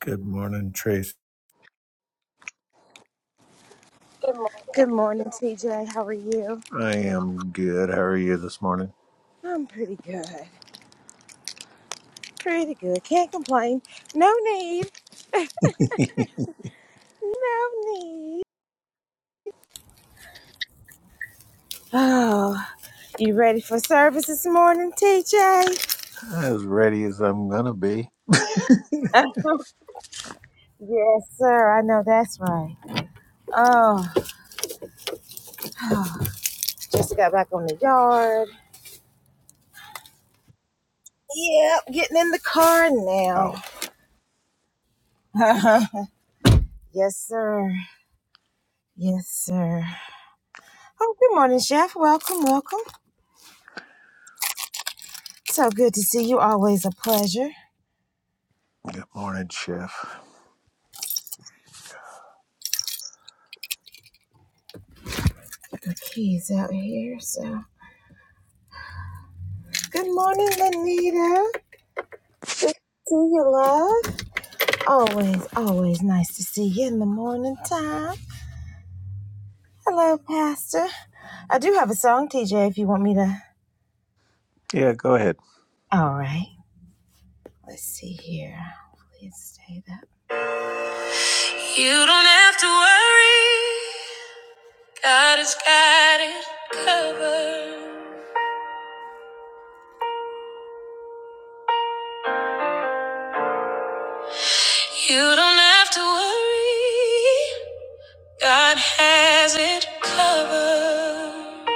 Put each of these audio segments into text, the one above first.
Good morning, Trace. Good morning. I am good. How are you this morning? As ready as I'm gonna be. Oh, good morning, Chef. Yeah, go ahead. You don't have to worry, God has got it covered. You don't have to worry, God has it covered.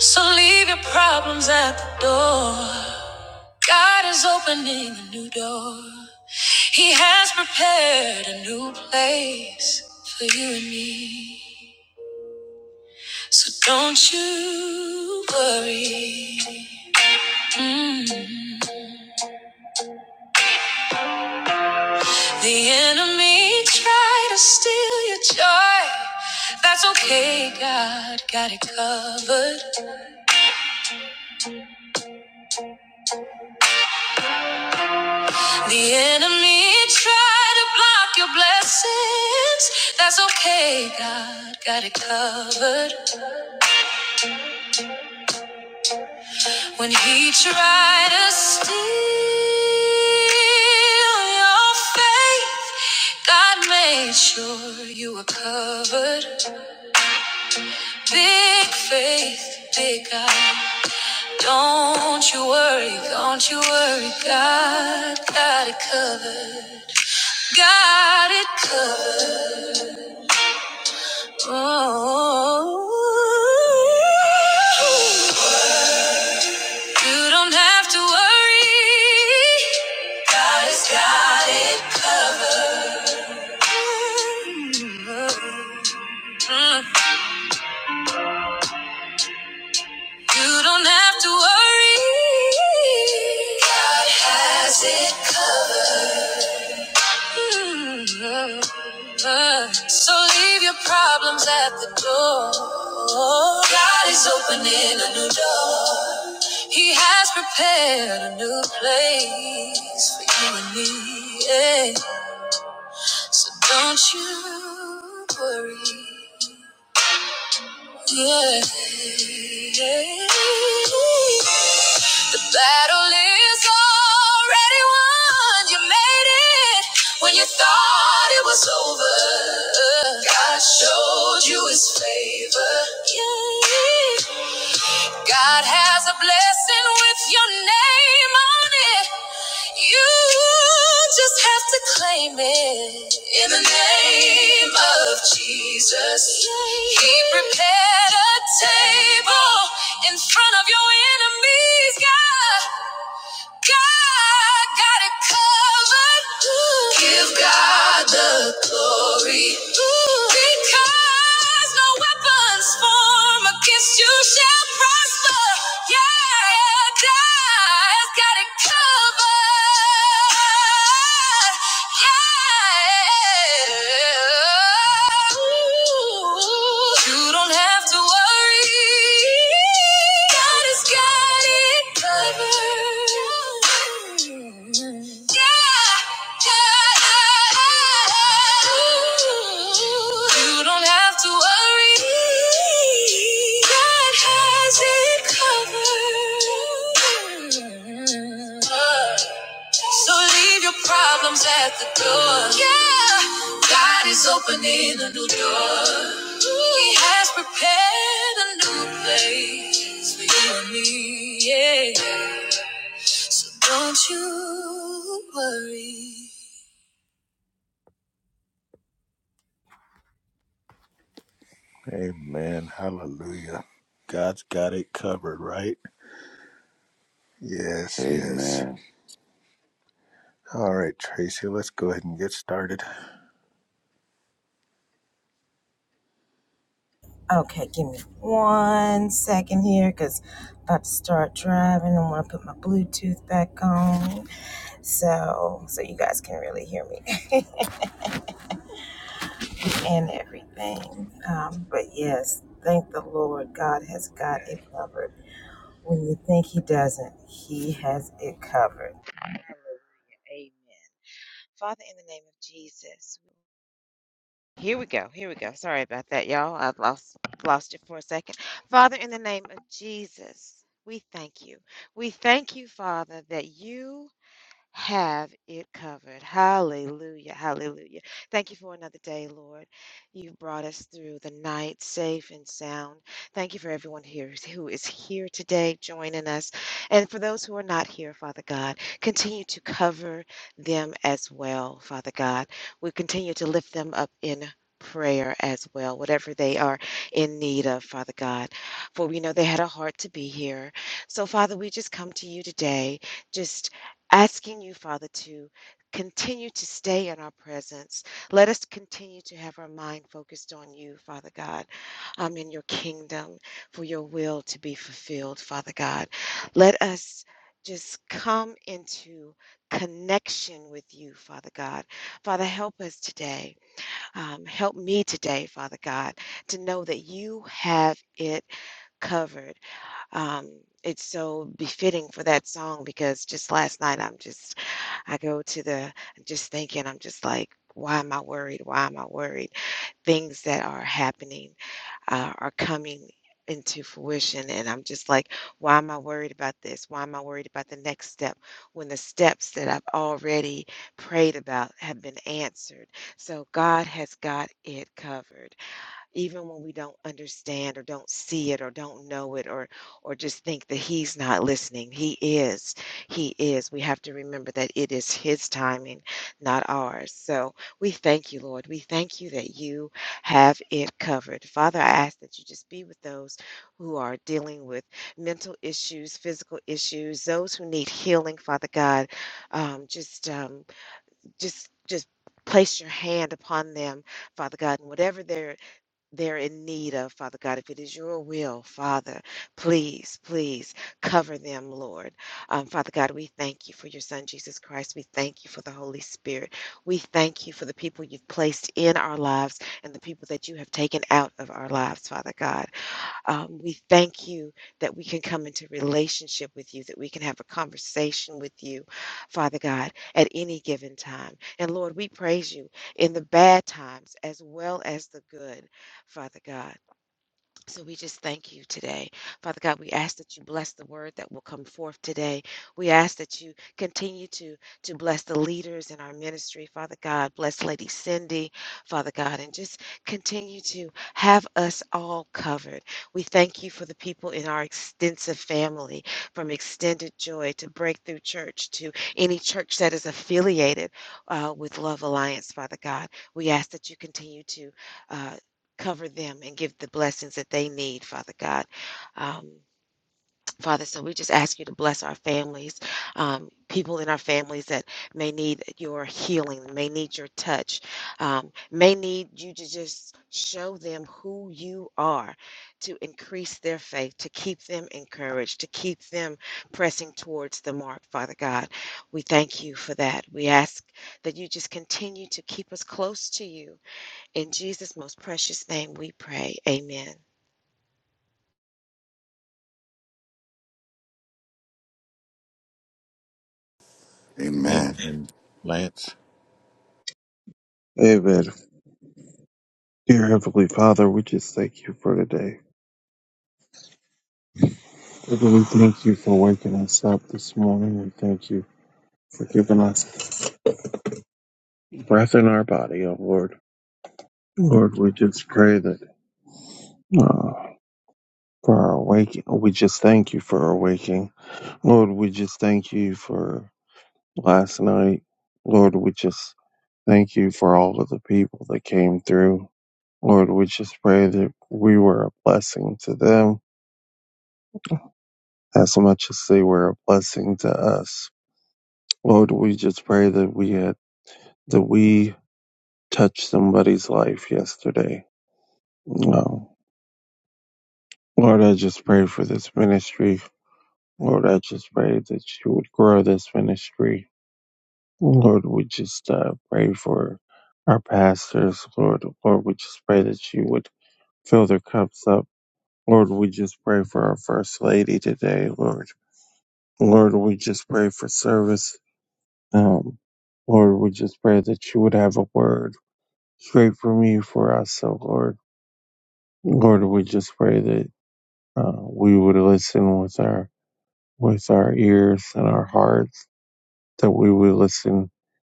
So leave your problems at the door. God is opening a new door. He has prepared a new place for you and me. So don't you worry. Mm. The enemy tried to steal your joy. That's okay, God got it covered. The enemy tried to block your blessings. That's okay, God got it covered. When he tried to steal your faith, God made sure you were covered. Big faith, big God. Don't you worry, don't you worry, God got it covered. Got it covered. Oh, you don't have to worry. God has got it covered. Mm. You don't have to worry. God has it covered. So leave your problems at the door. God is opening a new door. He has prepared a new place for you and me. Yeah. So don't you worry. Yeah. The battle is already won. You made it when you thought it was over. God showed you his favor. Yeah. yeah. God has a blessing with your name on it. You just have to claim it. In the name of Jesus, He prepared a table in front of your enemies, God. God got it covered. Ooh. Give God the glory. Ooh. Because no weapons form against you shall prosper. Yeah, yeah, God's got it covered. Yeah. Ooh. You don't have to worry. God has got it covered. Yeah, yeah. Ooh, You don't have to worry. God has it covered. So leave your problems at the door. Yeah. God is opening a new door. He has prepared a new place for you and me. Yeah. Don't you worry. Amen. Hallelujah. God's got it covered, right? Yes, yes. Amen. All right, Tracy, let's go ahead and get started. Amen. Amen. Lance. Amen. Dear Heavenly Father, we just thank you for today. Father, we thank you for waking us up this morning. We thank you for giving us breath in our body, oh Lord. Lord, we just pray that uh, for our waking, we just thank you for our waking. Lord, we just thank you for last night. Lord, we just thank you for all of the people that came through. Lord, we just pray that we were a blessing to them as much as they were a blessing to us. Lord, we just pray that we had that we touched somebody's life yesterday. Um, Lord, I just pray for this ministry. Lord, I just pray that you would grow this ministry. Lord, we just uh, pray for our pastors. Lord, Lord, we just pray that you would fill their cups up. Lord, we just pray for our first lady today. Lord, Lord, we just pray for service. Um, Lord, we just pray that you would have a word. Straight great for me, for us, oh Lord. Lord, we just pray that uh, we would listen with our with our ears and our hearts, that we would listen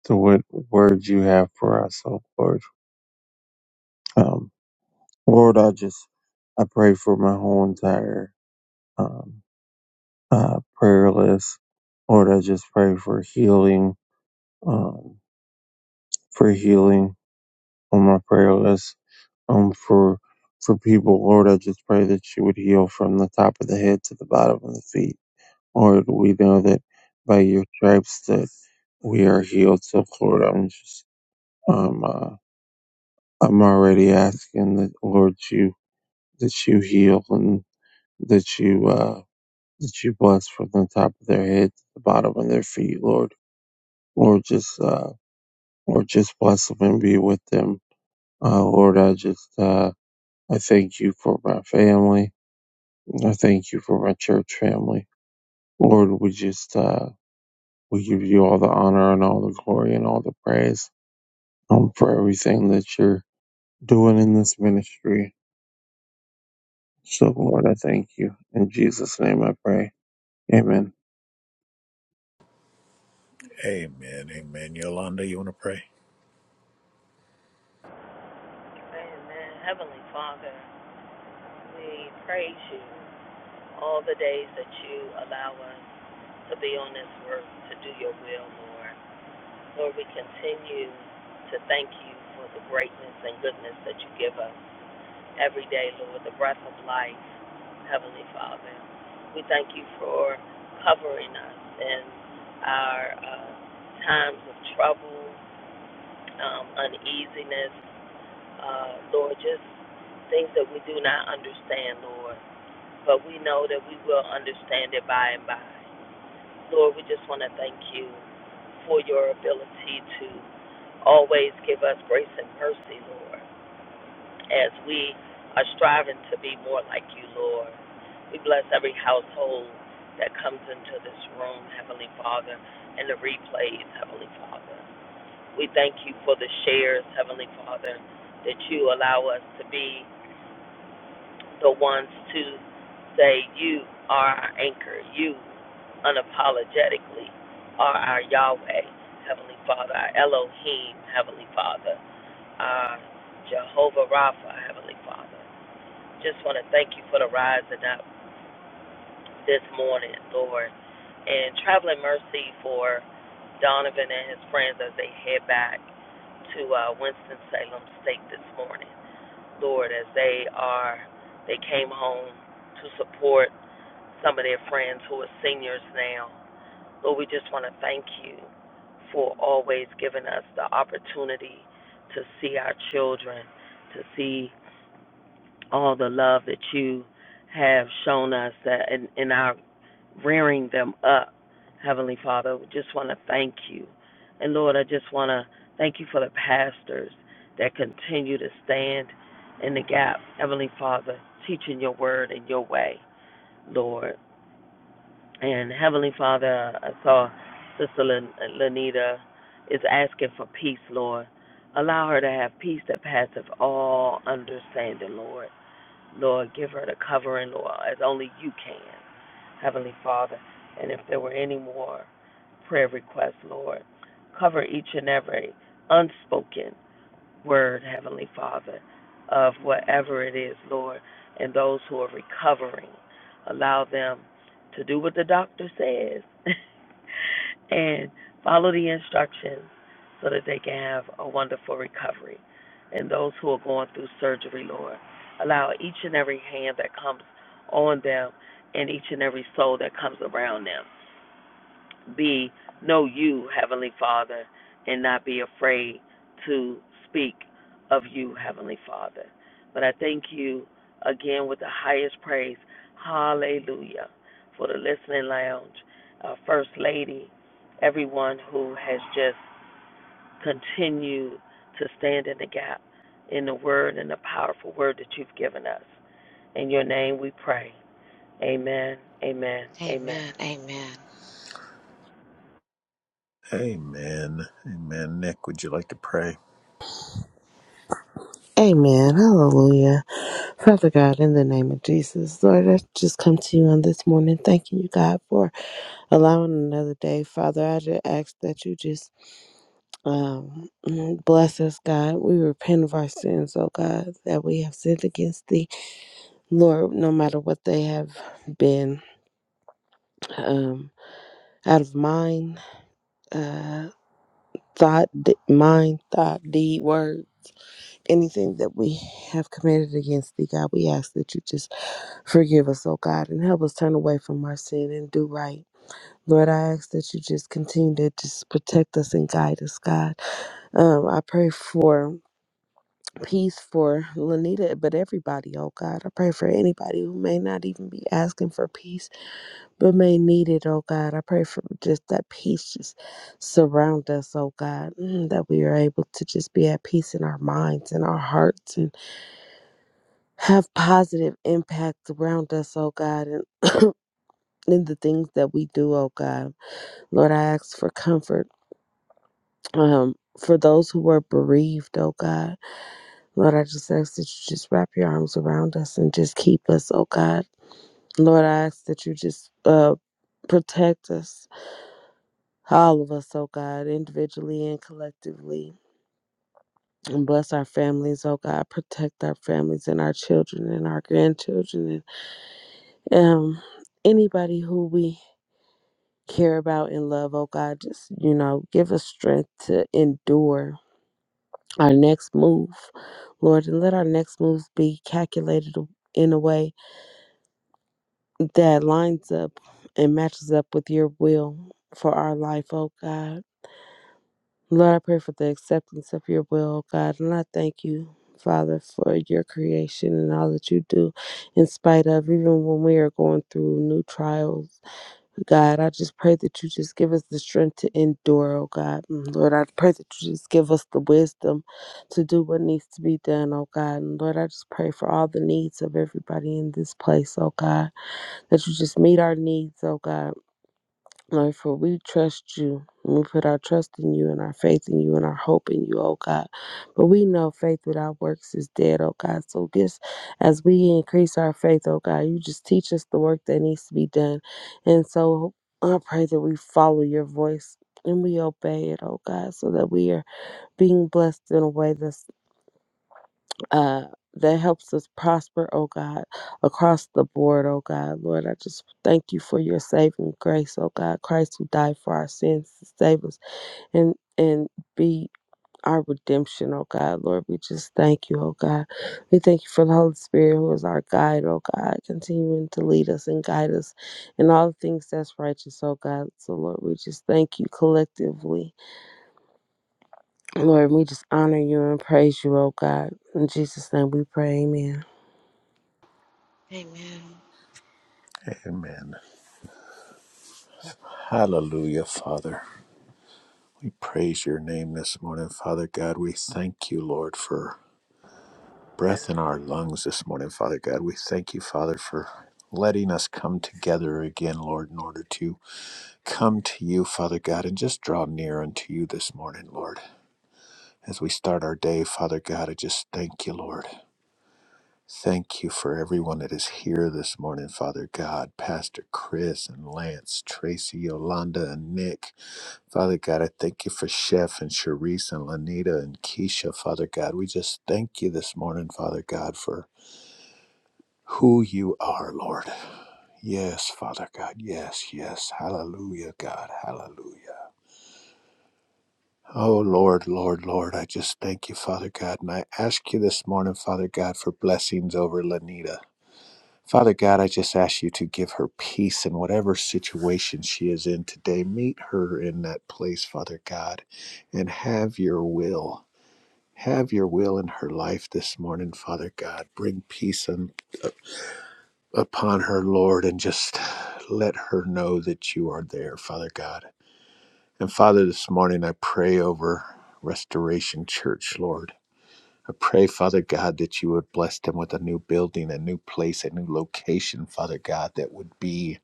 to what words you have for us, oh Lord. Um, Lord, I just I pray for my whole entire um, uh, prayer list. Lord, I just pray for healing, um, for healing on my prayer list. um for for people, Lord, I just pray that you would heal from the top of the head to the bottom of the feet. Lord, we know that by your stripes that we are healed. So Lord, I'm just um uh, I'm already asking that Lord you that you heal and that you uh that you bless from the top of their head to the bottom of their feet, Lord. Lord just uh Lord just bless them and be with them. Uh Lord I just uh I thank you for my family. I thank you for my church family. Lord, we just, uh, we give you all the honor and all the glory and all the praise um, for everything that you're doing in this ministry. So, Lord, I thank you. In Jesus' name I pray. Amen. Amen. Amen. Yolanda, you want to pray? Amen. Heavenly Father, we praise you all the days that you allow us to be on this earth to do your will, Lord. Lord, we continue to thank you for the greatness and goodness that you give us every day, Lord, the breath of life, Heavenly Father. We thank you for covering us in our uh, times of trouble, um, uneasiness. Uh, Lord, just things that we do not understand, Lord, but we know that we will understand it by and by. Lord, we just want to thank you for your ability to always give us grace and mercy, Lord, as we are striving to be more like you, Lord. We bless every household that comes into this room, Heavenly Father, and the replays, Heavenly Father. We thank you for the shares, Heavenly Father, that you allow us to be the ones to say you are our anchor, you unapologetically are our Yahweh, Heavenly Father, our Elohim, Heavenly Father, our Jehovah Rapha, Heavenly Father. Just want to thank you for the rising up this morning, Lord, and traveling mercy for Donovan and his friends as they head back to uh, Winston-Salem State this morning. Lord, as they are, they came home to support some of their friends who are seniors now. Lord, we just want to thank you for always giving us the opportunity to see our children, to see all the love that you have shown us that in, in our rearing them up. Heavenly Father, we just want to thank you. And Lord, I just want to thank you for the pastors that continue to stand in the gap. Heavenly Father, teaching your word and your way, Lord. And Heavenly Father, I saw Sister Lan- Lanita is asking for peace, Lord. Allow her to have peace that passeth all understanding, Lord. Lord, give her the covering, Lord, as only you can. Heavenly Father. And if there were any more prayer requests, Lord, cover each and every unspoken word, Heavenly Father, of whatever it is, Lord, and those who are recovering. Allow them to do what the doctor says and follow the instructions so that they can have a wonderful recovery. And those who are going through surgery, Lord, allow each and every hand that comes on them and each and every soul that comes around them be know you, Heavenly Father, and not be afraid to speak of you, Heavenly Father. But I thank you again with the highest praise. Hallelujah. For the listening lounge, our First Lady, everyone who has just continued to stand in the gap in the word and the powerful word that you've given us. In your name we pray. Amen. Amen. Amen. Amen. Amen. Nick, would you like to pray? Amen. Hallelujah. Father God, in the name of Jesus, Lord, I just come to you on this morning, thanking you, God, for allowing another day. Father, I just ask that you just um, bless us, God. We repent of our sins, oh God, that we have sinned against thee. Lord, no matter what they have been, um, out of mind, uh, thought, d- mind, thought, deed, word. Anything that we have committed against thee, God, we ask that you just forgive us, oh God, and help us turn away from our sin and do right. Lord, I ask that you just continue to just protect us and guide us, God. Um, I pray for peace for Lanita, but everybody, oh God. I pray for anybody who may not even be asking for peace, but may need it, oh God. I pray for just that peace just surround us, oh God, mm, that we are able to just be at peace in our minds and our hearts and. have positive impacts around us, oh God, and in the things that we do, oh God. Lord, I ask for comfort um, for those who are bereaved, oh God. Lord, I just ask that you just wrap your arms around us and just keep us, oh God. Lord, I ask that you just uh, protect us, all of us, oh God, individually and collectively. And bless our families, oh God. Protect our families and our children and our grandchildren and um, anybody who we care about and love, oh God. Just, you know, give us strength to endure our next move, Lord, and let our next moves be calculated in a way that lines up and matches up with your will for our life, oh God. Lord, I pray for the acceptance of your will, oh God, and I thank you. Father, for your creation and all that you do, in spite of even when we are going through new trials God, I just pray that you just give us the strength to endure, oh God. And Lord, I pray that you just give us the wisdom to do what needs to be done, oh God. And Lord, I just pray for all the needs of everybody in this place, oh God, that you just meet our needs, oh God. Lord, for we trust you. We put our trust in you and our faith in you and our hope in you, oh God. But we know faith without works is dead, oh God. So just as we increase our faith, oh God, you just teach us the work that needs to be done. And so I pray that we follow your voice and we obey it, oh God, so that we are being blessed in a way that's uh, that helps us prosper, oh God, across the board, oh God. Lord, I just thank you for your saving grace, oh God. Christ who died for our sins to save us and and be our redemption, oh God. Lord, we just thank you, oh God. We thank you for the Holy Spirit who is our guide, oh God, continuing to lead us and guide us in all the things that's righteous, oh God. So Lord, we just thank you collectively. Lord, we just honor you and praise you, oh God. In Jesus' name we pray, amen. Amen. Hallelujah, Father. We praise your name this morning, Father God. We thank you, Lord, for breath in our lungs this morning, Father God. We thank you, Father, for letting us come together again, Lord, in order to come to you, Father God, and just draw near unto you this morning, Lord. As we start our day, Father God, I just thank you, Lord. Thank you for everyone that is here this morning, Father God. Pastor Chris and Lance, Tracy, Yolanda, and Nick. Father God, I thank you for Chef and Sharice and Lanita and Keisha, Father God. We just thank you this morning, Father God, for who you are, Lord. Yes, Father God. Yes, yes. Hallelujah, God. Hallelujah. Oh, Lord, Lord, Lord, I just thank you, Father God. And I ask you this morning, Father God, for blessings over Lanita. Father God, I just ask you to give her peace in whatever situation she is in today. Meet her in that place, Father God, and have your will. Have your will in her life this morning, Father God. Bring peace un- upon her, Lord, and just let her know that you are there, Father God. And Father, this morning I pray over Restoration Church, Lord. I pray, Father God, that you would bless them with a new building, a new place, a new location, Father God, that would be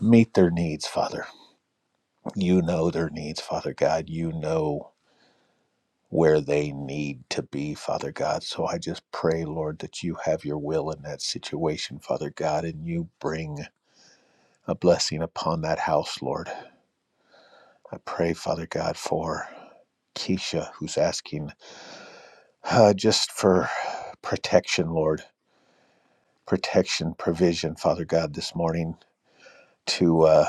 meet their needs, Father. You know their needs, Father God. You know where they need to be, Father God. So I just pray, Lord, that you have your will in that situation, Father God, and you bring a blessing upon that house, Lord. I pray, Father God, for Keisha, who's asking uh, just for protection, Lord. Protection, provision, Father God, this morning to uh,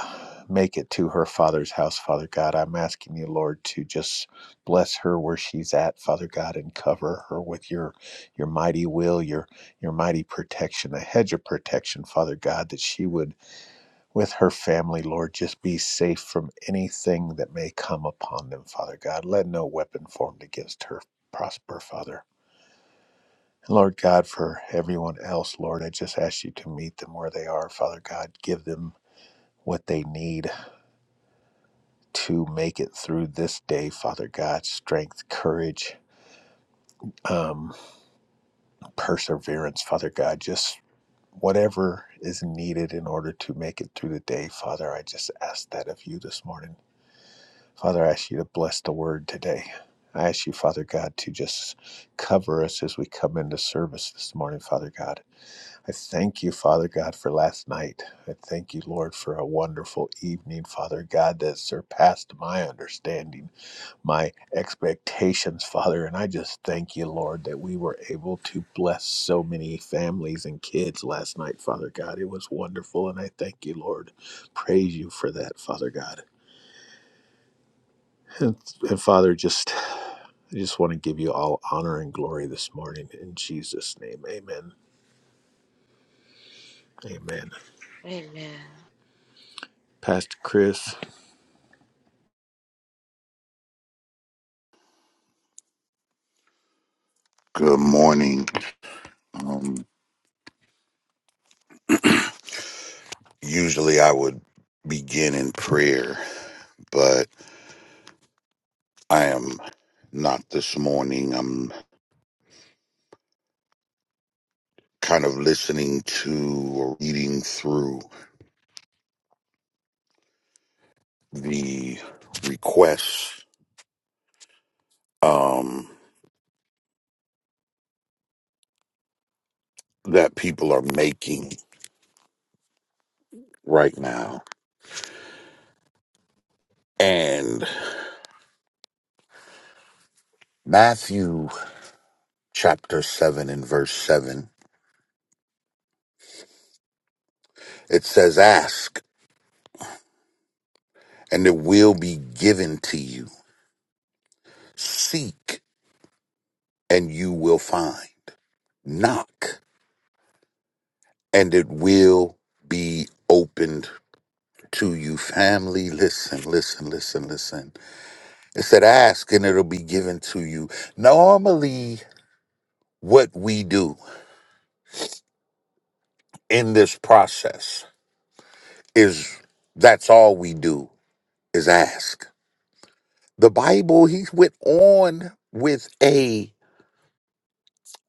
make it to her father's house, Father God. I'm asking you, Lord, to just bless her where she's at, Father God, and cover her with your your mighty will, your your mighty protection, a hedge of protection, Father God, that she would, with her family, Lord, just be safe from anything that may come upon them, Father God. Let no weapon formed against her prosper, Father. Lord God, for everyone else, Lord, I just ask you to meet them where they are, Father God. Give them what they need, to make it through this day, Father God. Strength, courage, um, perseverance, Father God. Just whatever is needed in order to make it through the day, Father. I just ask that of you this morning. Father, I ask you to bless the word today. I ask you, Father God, to just cover us as we come into service this morning, Father God. I thank you, Father God, for last night. I thank you, Lord, for a wonderful evening, Father God, that surpassed my understanding. my expectations, Father. And I just thank you, Lord, that we were able to bless so many families and kids last night, Father God. It was wonderful. And I thank you, Lord. Praise you for that, Father God. And, and Father, just I just want to give you all honor and glory this morning in Jesus' name. Amen. Amen. Pastor Chris. Good morning. Um, usually I would begin in prayer, but I am not this morning. I'm kind of listening to or reading through the requests um, that people are making right now. And Matthew chapter 7 and verse 7, it says, Ask, and it will be given to you. Seek and you will find. Knock, and it will be opened to you. Family, listen, listen, listen, listen. It said, ask, and it'll be given to you. Normally, what we do in this process is that's all we do is ask. The Bible, he went on with a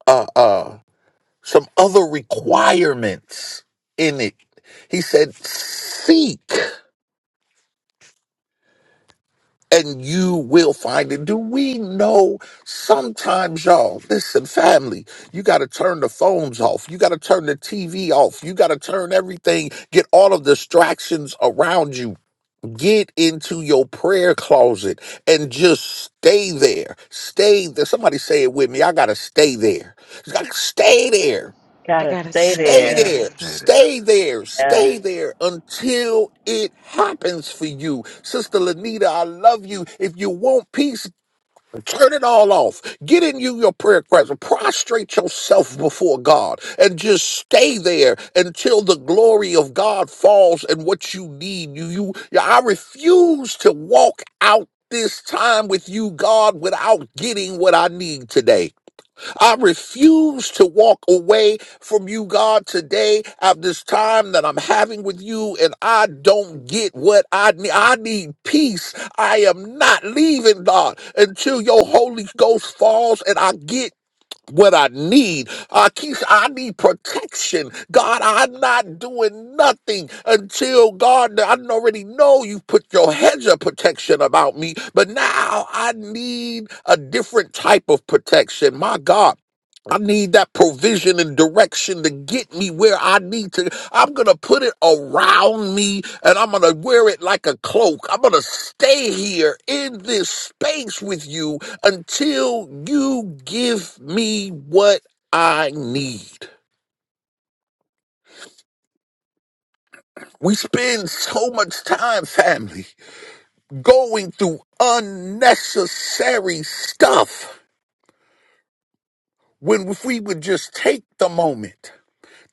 uh uh some other requirements in it. He said, seek. and you will find it. Do we know sometimes, y'all? Listen, family, you got to turn the phones off. You got to turn the TV off. You got to turn everything, get all of the distractions around you. Get into your prayer closet and just stay there. Stay there. Somebody say it with me. I got to stay there. I gotta Stay there. Gotta stay Stay Gotta there. there, stay there. stay there, Yes. stay there until it happens for you. Sister Lanita, I love you. If you want peace, turn it all off. Get in you your prayer closet. Prostrate yourself before God and just stay there until the glory of God falls and what you need. You, you I refuse to walk out this time with you, God, without getting what I need today. I refuse to walk away from you, God, today at this time that I'm having with you, and I don't get what I need. I need peace. I am not leaving, God, until your Holy Ghost falls and I get. What I need, uh, Keisha, I need protection. God, I'm not doing nothing until God, I already know you put your hedge of protection about me, but now I need a different type of protection. My God, I need that provision and direction to get me where I need to. I'm going to put it around me and I'm going to wear it like a cloak. I'm going to stay here in this space with you until you give me what I need. We spend so much time, family, going through unnecessary stuff when if we would just take the moment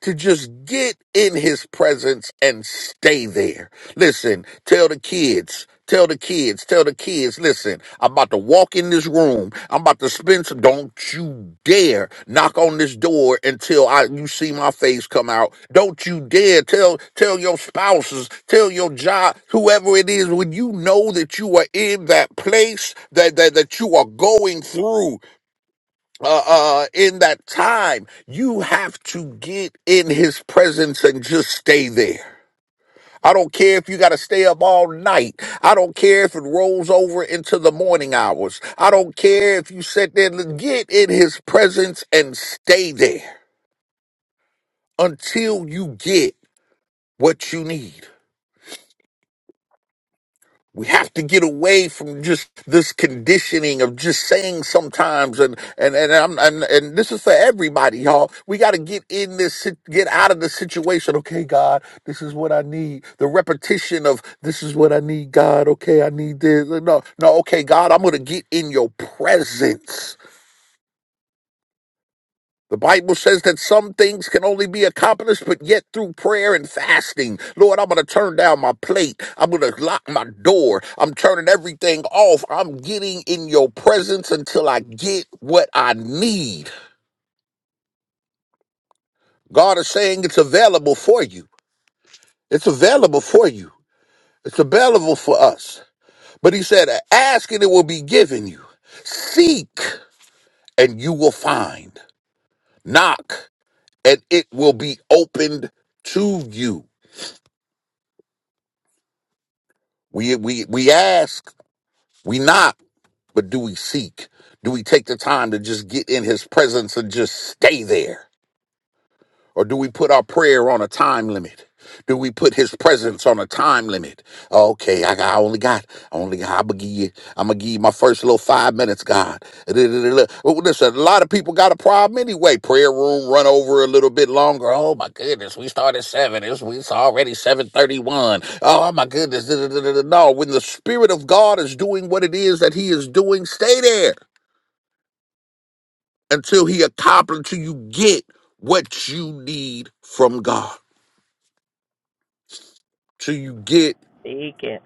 to just get in his presence and stay there. Listen, tell the kids. Tell the kids, tell the kids, listen, I'm about to walk in this room. I'm about to spend some. Don't you dare knock on this door until I you see my face come out. Don't you dare tell tell your spouses, tell your job, whoever it is, when you know that you are in that place, that that, that you are going through uh, uh, in that time, you have to get in his presence and just stay there. I don't care if you got to stay up all night. I don't care if it rolls over into the morning hours. I don't care if you sit there get in his presence and stay there until you get what you need. we have to get away from just this conditioning of just saying sometimes and and and I'm, and, and this is for everybody y'all we got to get in this sit- get out of the situation okay god this is what i need the repetition of this is what i need god okay i need this no no okay god i'm going to get in your presence the Bible says that some things can only be accomplished, but yet through prayer and fasting. Lord, I'm going to turn down my plate. I'm going to lock my door. I'm turning everything off. I'm getting in your presence until I get what I need. God is saying it's available for you. It's available for you. It's available for us. But he said, ask and it will be given you. Seek and you will find. Knock and it will be opened to you. We we we ask, we knock, but do we seek? Do we take the time to just get in his presence and just stay there? Or do we put our prayer on a time limit? Do we put his presence on a time limit? Okay, I, got, I only got, I only got, I'm gonna give you, I'm gonna give you my first little five minutes, God. Da-da-da-da. Well, Listen, a lot of people got a problem anyway. Prayer room run over a little bit longer. Oh my goodness, we started seven. It's, it's already 731. Oh my goodness. da-da-da-da-da. No, when the spirit of God is doing what it is that he is doing, stay there until he accomplishes, until you get what you need from God. till you get Speak it.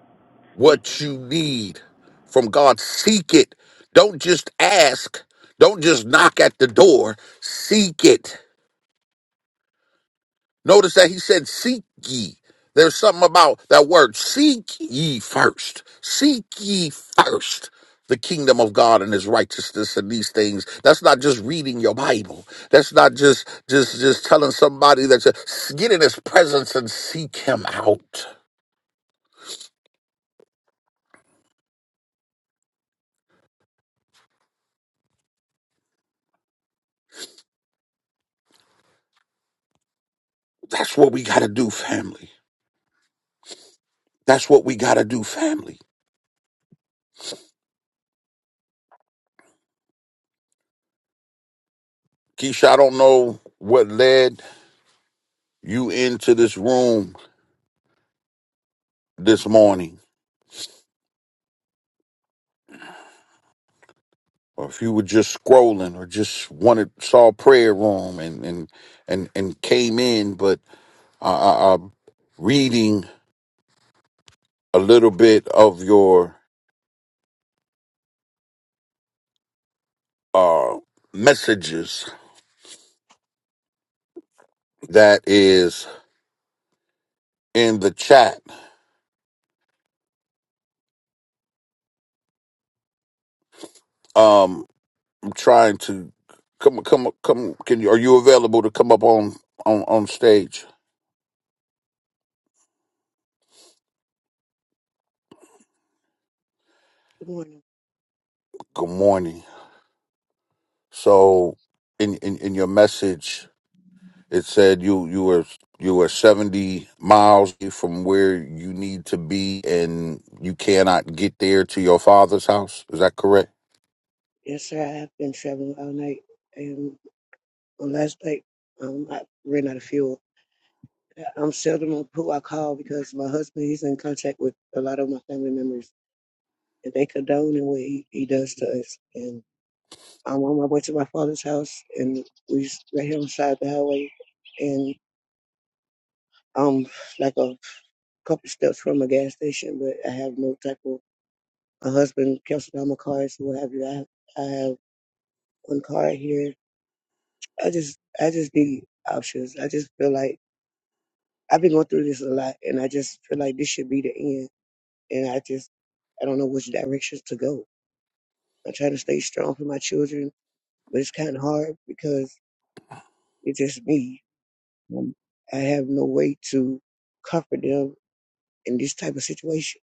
Speak. what you need from God. Seek it. Don't just ask. Don't just knock at the door. Seek it. Notice that he said, Seek ye. There's something about that word. Seek ye first. Seek ye first the kingdom of God and his righteousness and these things. That's not just reading your Bible. That's not just just just telling somebody that you get in his presence and seek him out. That's what we gotta do, family. That's what we got to do, family. Keisha, I don't know what led you into this room this morning, or if you were just scrolling or just wanted saw prayer room and and and, and came in, but I, I, I'm reading a little bit of your uh, messages that is in the chat. Um, I'm trying to come come come. Can you are you available to come up on on on stage? Good morning. Good morning. So in, in, in your message, it said you, you were you were 70 miles from where you need to be and you cannot get there to your father's house. Is that correct? Yes, sir. I have been traveling all night, and on last night, um, I ran out of fuel. I'm seldom on who I call because my husband he's in contact with a lot of my family members, and they condone in what he, he does to us. And I'm on my way to my father's house, and we s- right here on the side of the highway, and I'm like a couple steps from a gas station, but I have no type of. My husband cancelled all my cars, so what have you. I have, I have one car here I just I just need options. I just feel like I've been going through this a lot and I just feel like this should be the end. And I just I don't know which direction to go. I'm trying to stay strong for my children, but it's kinda hard because it's just me. Um, I have no way to comfort them in this type of situation.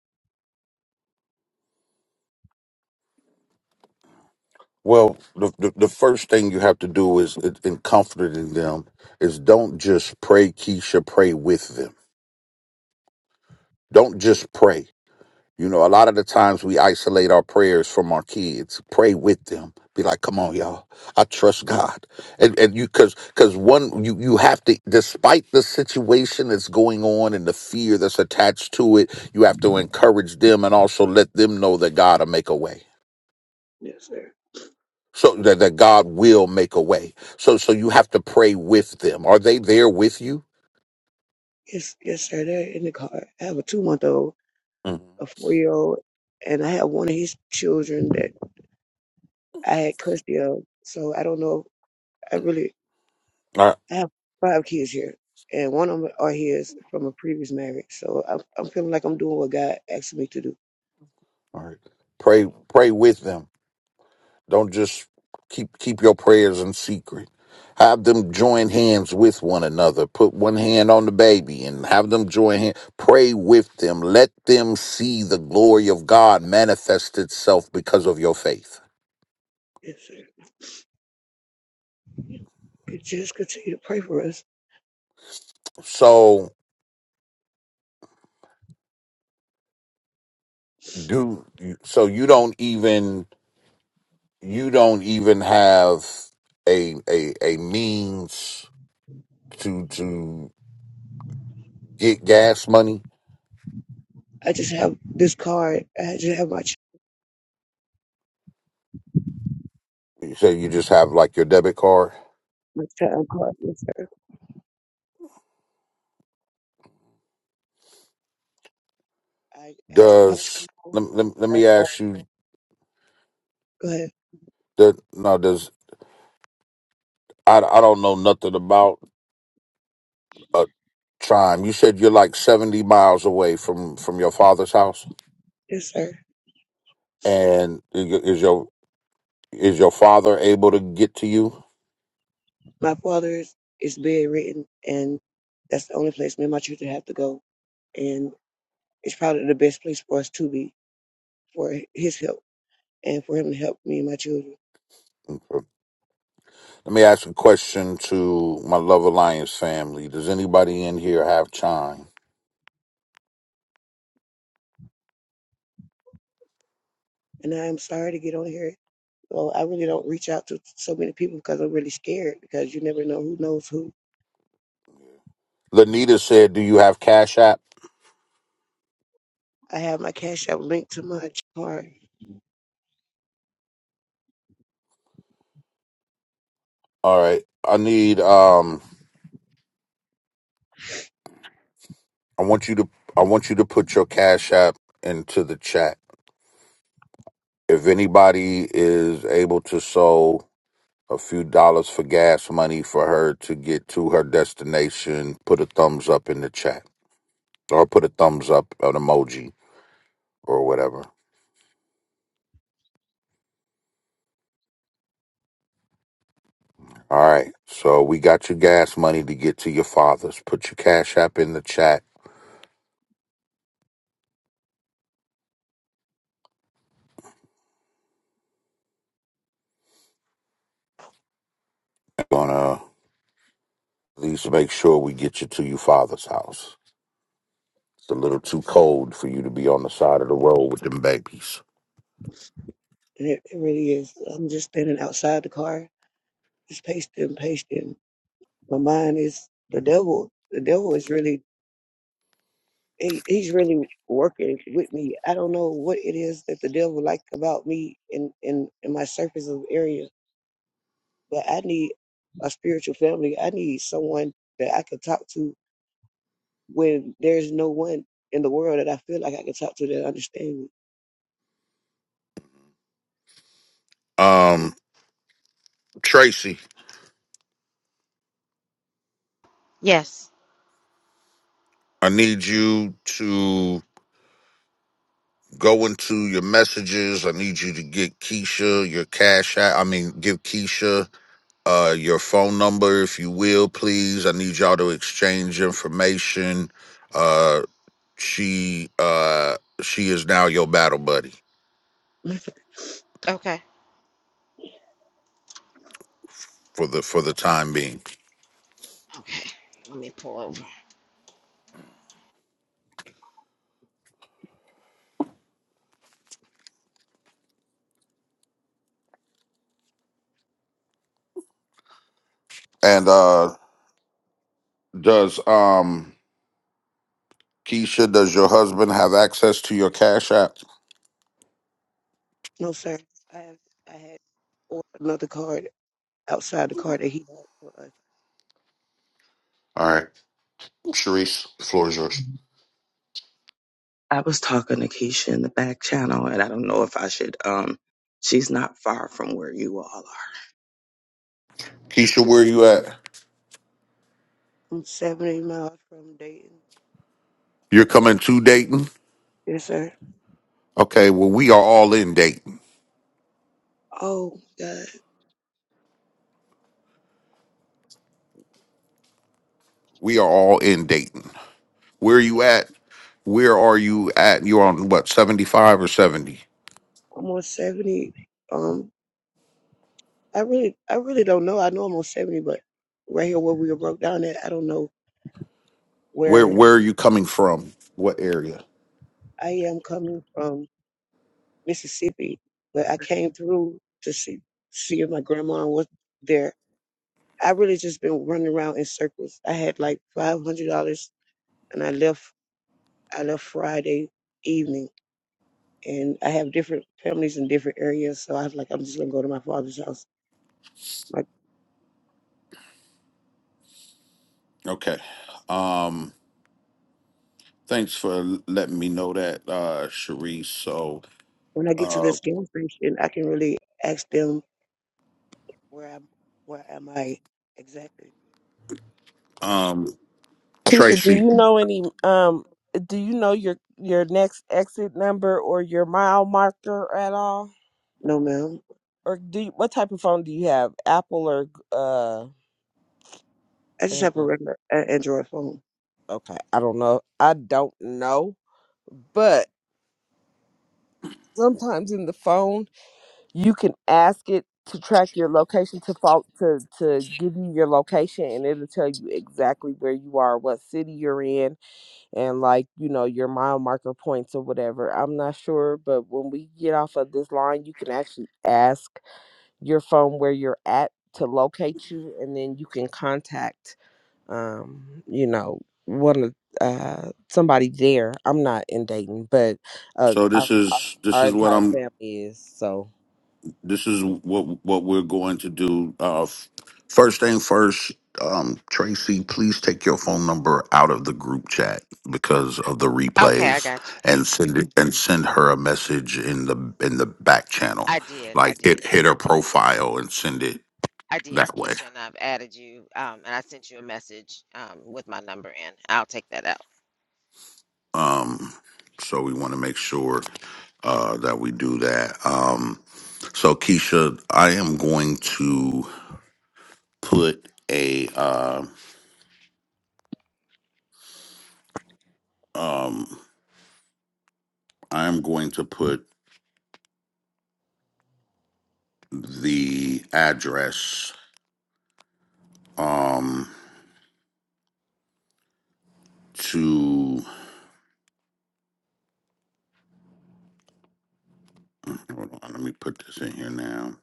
Well, the, the, the first thing you have to do is in in comforting them is don't just pray, Keisha, pray with them. Don't just pray. You know, a lot of the times we isolate our prayers from our kids. Pray with them. Be like, come on, y'all. I trust God. And and you cause cause one you you have to despite the situation that's going on and the fear that's attached to it, you have to encourage them and also let them know that God will make a way. Yes, sir. So that, that God will make a way. So so you have to pray with them. Are they there with you? Yes, yes, sir. They're in the car. I have a two month old, Mhm. a four year old, and I have one of his children that I had custody of. So I don't know. I really All right. I have five kids here, and one of them are his from a previous marriage. So I'm, I'm feeling like I'm doing what God asked me to do. All right. Pray pray with them Don't just keep keep your prayers in secret. Have them join hands with one another. Put one hand on the baby and have them join hands. Pray with them. Let them see the glory of God manifest itself because of your faith. Yes, sir. You Just continue to pray for us. So do so you don't even you don't even have a a a means to to get gas money. I just have this card. I just have my ch- So you just have like your debit card. my child card. Yes, sir. I asked a couple Does people. let, let, let me Right. ask you Go ahead. There, no, there's. I, I don't know nothing about a time. You said you're like seventy miles away from from your father's house, Yes, sir. and i- is your is your father able to get to you? My father is, is bedridden, and that's the only place me and my children have to go. And it's probably the best place for us to be for his help and for him to help me and my children. Okay. Let me ask a question to my Love Alliance family. Does anybody in here have chime? And I am sorry to get on here So I really don't reach out to so many people because I'm really scared because you never know who knows who. Lanita said, "Do you have Cash App?" I have my cash app linked to my card, All right. I need. Um. I want you to. I want you to put your Cash App into the chat. If anybody is able to sow a few dollars for gas money for her to get to her destination, put a thumbs up in the chat or put a thumbs up, an emoji or whatever. All right. So we got your gas money to get to your father's. Put your cash app in the chat. I'm Gonna at least make sure we get you to your father's house. It's a little too cold for you to be on the side of the road with them babies. and it, it really is. I'm just standing outside the car, just pasting, pasting. My mind is the devil. The devil is really he, he's really working with me. I don't know what it is that the devil like about me in in in my surface of area, but I need a spiritual family. I need someone that I can talk to when there's no one in the world that I feel like I can talk to that understand Um, Tracy, I need you to Go into your messages. I need you to get Keisha your cash app. I mean, give Keisha uh, your phone number, if you will, please. I need y'all to exchange information. Uh, she uh, she is now your battle buddy me. for the for the time being. And uh, does um Keisha, does your husband have access to your cash app? no, sir. I have I had or another card outside the card that he bought for us. All right, Sharice, the floor is yours. I was talking to Keisha in the back channel, and I don't know if I should. Um, she's not far from where you all are. Keisha, where you at? I'm 70 miles from Dayton. You're coming to Dayton? Yes, sir. Okay, well, we are all in Dayton. Oh God, We are all in Dayton. Where are you at? Where are you at? You're on what, 75 or 70? I'm on 70. Um, I really, I really don't know. I know I'm on 70, but right here where we were broke down at, I don't know Where where where are you coming from? What area? I am coming from, Mississippi. But I came through to see see if my grandma was there I really just been running around in circles. I had like five hundred dollars, and I left. I left Friday evening, and I have different families in different areas. So I was like, I'm just gonna go to my father's house. Like Okay. Um thanks for letting me know that, uh Sharice. So when I get to uh this gas station, I can really ask them where I'm. Where am I exactly? um Keisha, do Tracy. you know any um do you know your your next exit number or your mile marker at all? No, ma'am. Or do you, what type of phone do you have? Apple or uh I just have a Android? regular uh, Android phone. Okay, I don't know. I don't know. But sometimes in the phone you can ask it to track your location to fault to to give you your location and it'll tell you exactly where you are, what city you're in, and like you know your mile marker points or whatever i'm not sure but when we get off of this line you can actually ask your phone where you're at to locate you and then you can contact um you know one of uh somebody there i'm not in dayton but uh So this our, our is this our is what entire I'm family is so this is what what we're going to do. Uh, f- first thing first, um, Tracy, please take your phone number out of the group chat because of the replays, and send it, and send her a message in the in the back channel, like it hit her profile and send it that way. Um, so we want to make sure uh, that we do that. Um, so Keisha, I am going to put a. Uh, um I'm going to put the address um to hold on, let me put this in here now.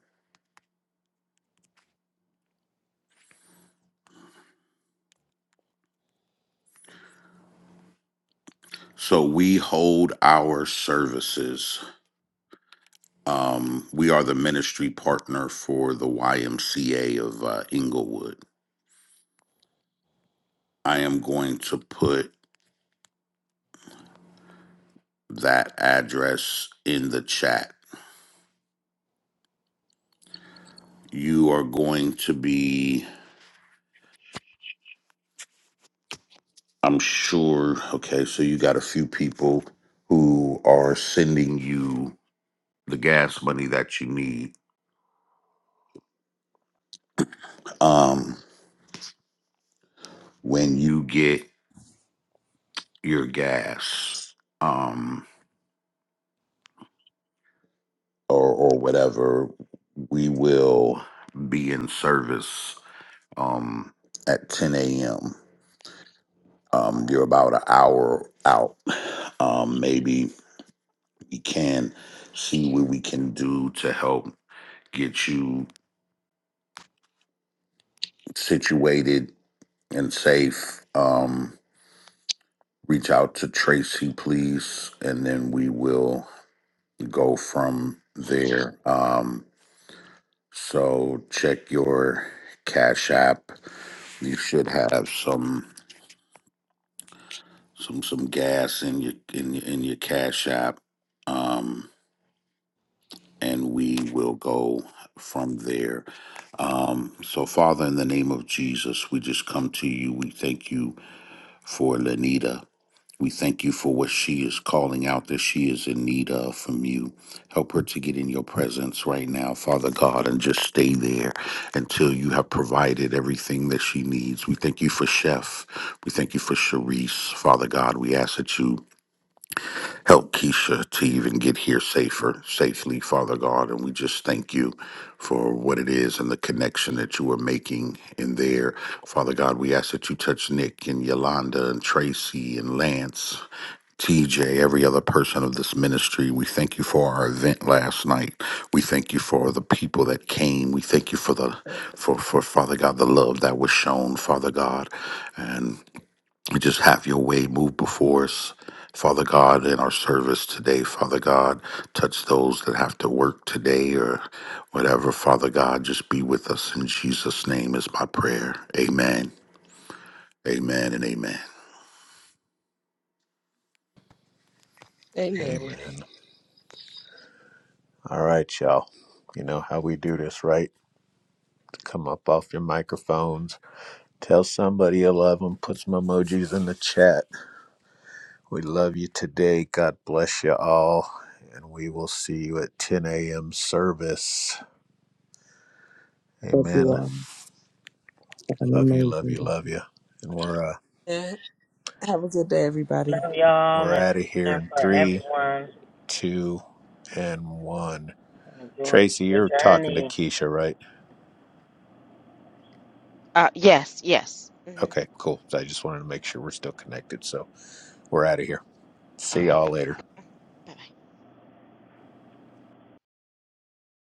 So we hold our services. Um, we are the ministry partner for the YMCA of uh, Inglewood. I am going to put that address in the chat. You are going to be, I'm sure. Okay, so you got a few people who are sending you the gas money that you need um when you get your gas um or or whatever we will be in service um at 10 a.m um you're about an hour out um maybe we can see what we can do to help get you situated and safe um reach out to tracy please and then we will go from there. Um, so check your Cash App. You should have some some some gas in your in your, in your Cash App, um, and we will go from there. Um, so Father, in the name of Jesus, we just come to you. We thank you for Lenita. We thank you for what she is calling out that she is in need of from you. Help her to get in your presence right now, Father God, and just stay there until you have provided everything that she needs. We thank you for Chef. We thank you for Sharice, Father God. We ask that you help Keisha to even get here safer, safely, Father God. And we just thank you for what it is and the connection that you are making in there. Father God, we ask that you touch Nick and Yolanda and Tracy and Lance. TJ, every other person of this ministry. We thank you for our event last night. We thank you for the people that came. We thank you for the for for Father God the love that was shown, Father God. And we just have your way move before us. Father God, in our service today, Father God, touch those that have to work today or whatever. Father God, just be with us in Jesus' name is my prayer. Amen. Amen and amen. amen Amen. All right, y'all. You know how we do this, right? Come up off your microphones Tell somebody you love them. Put some emojis in the chat. We love you today. God bless you all. And we will see you at 10 a.m. service. If you Amen. all, have an Love you, love amazing you, day. love you. And we're uh, Yeah. have a good day everybody Love y'all we're and out of here praying in for three, everyone. two, and one. Enjoy Tracy, your you're talking to journey. Keisha, right? Okay, cool. So I just wanted to make sure we're still connected. So we're out of here. See y'all later.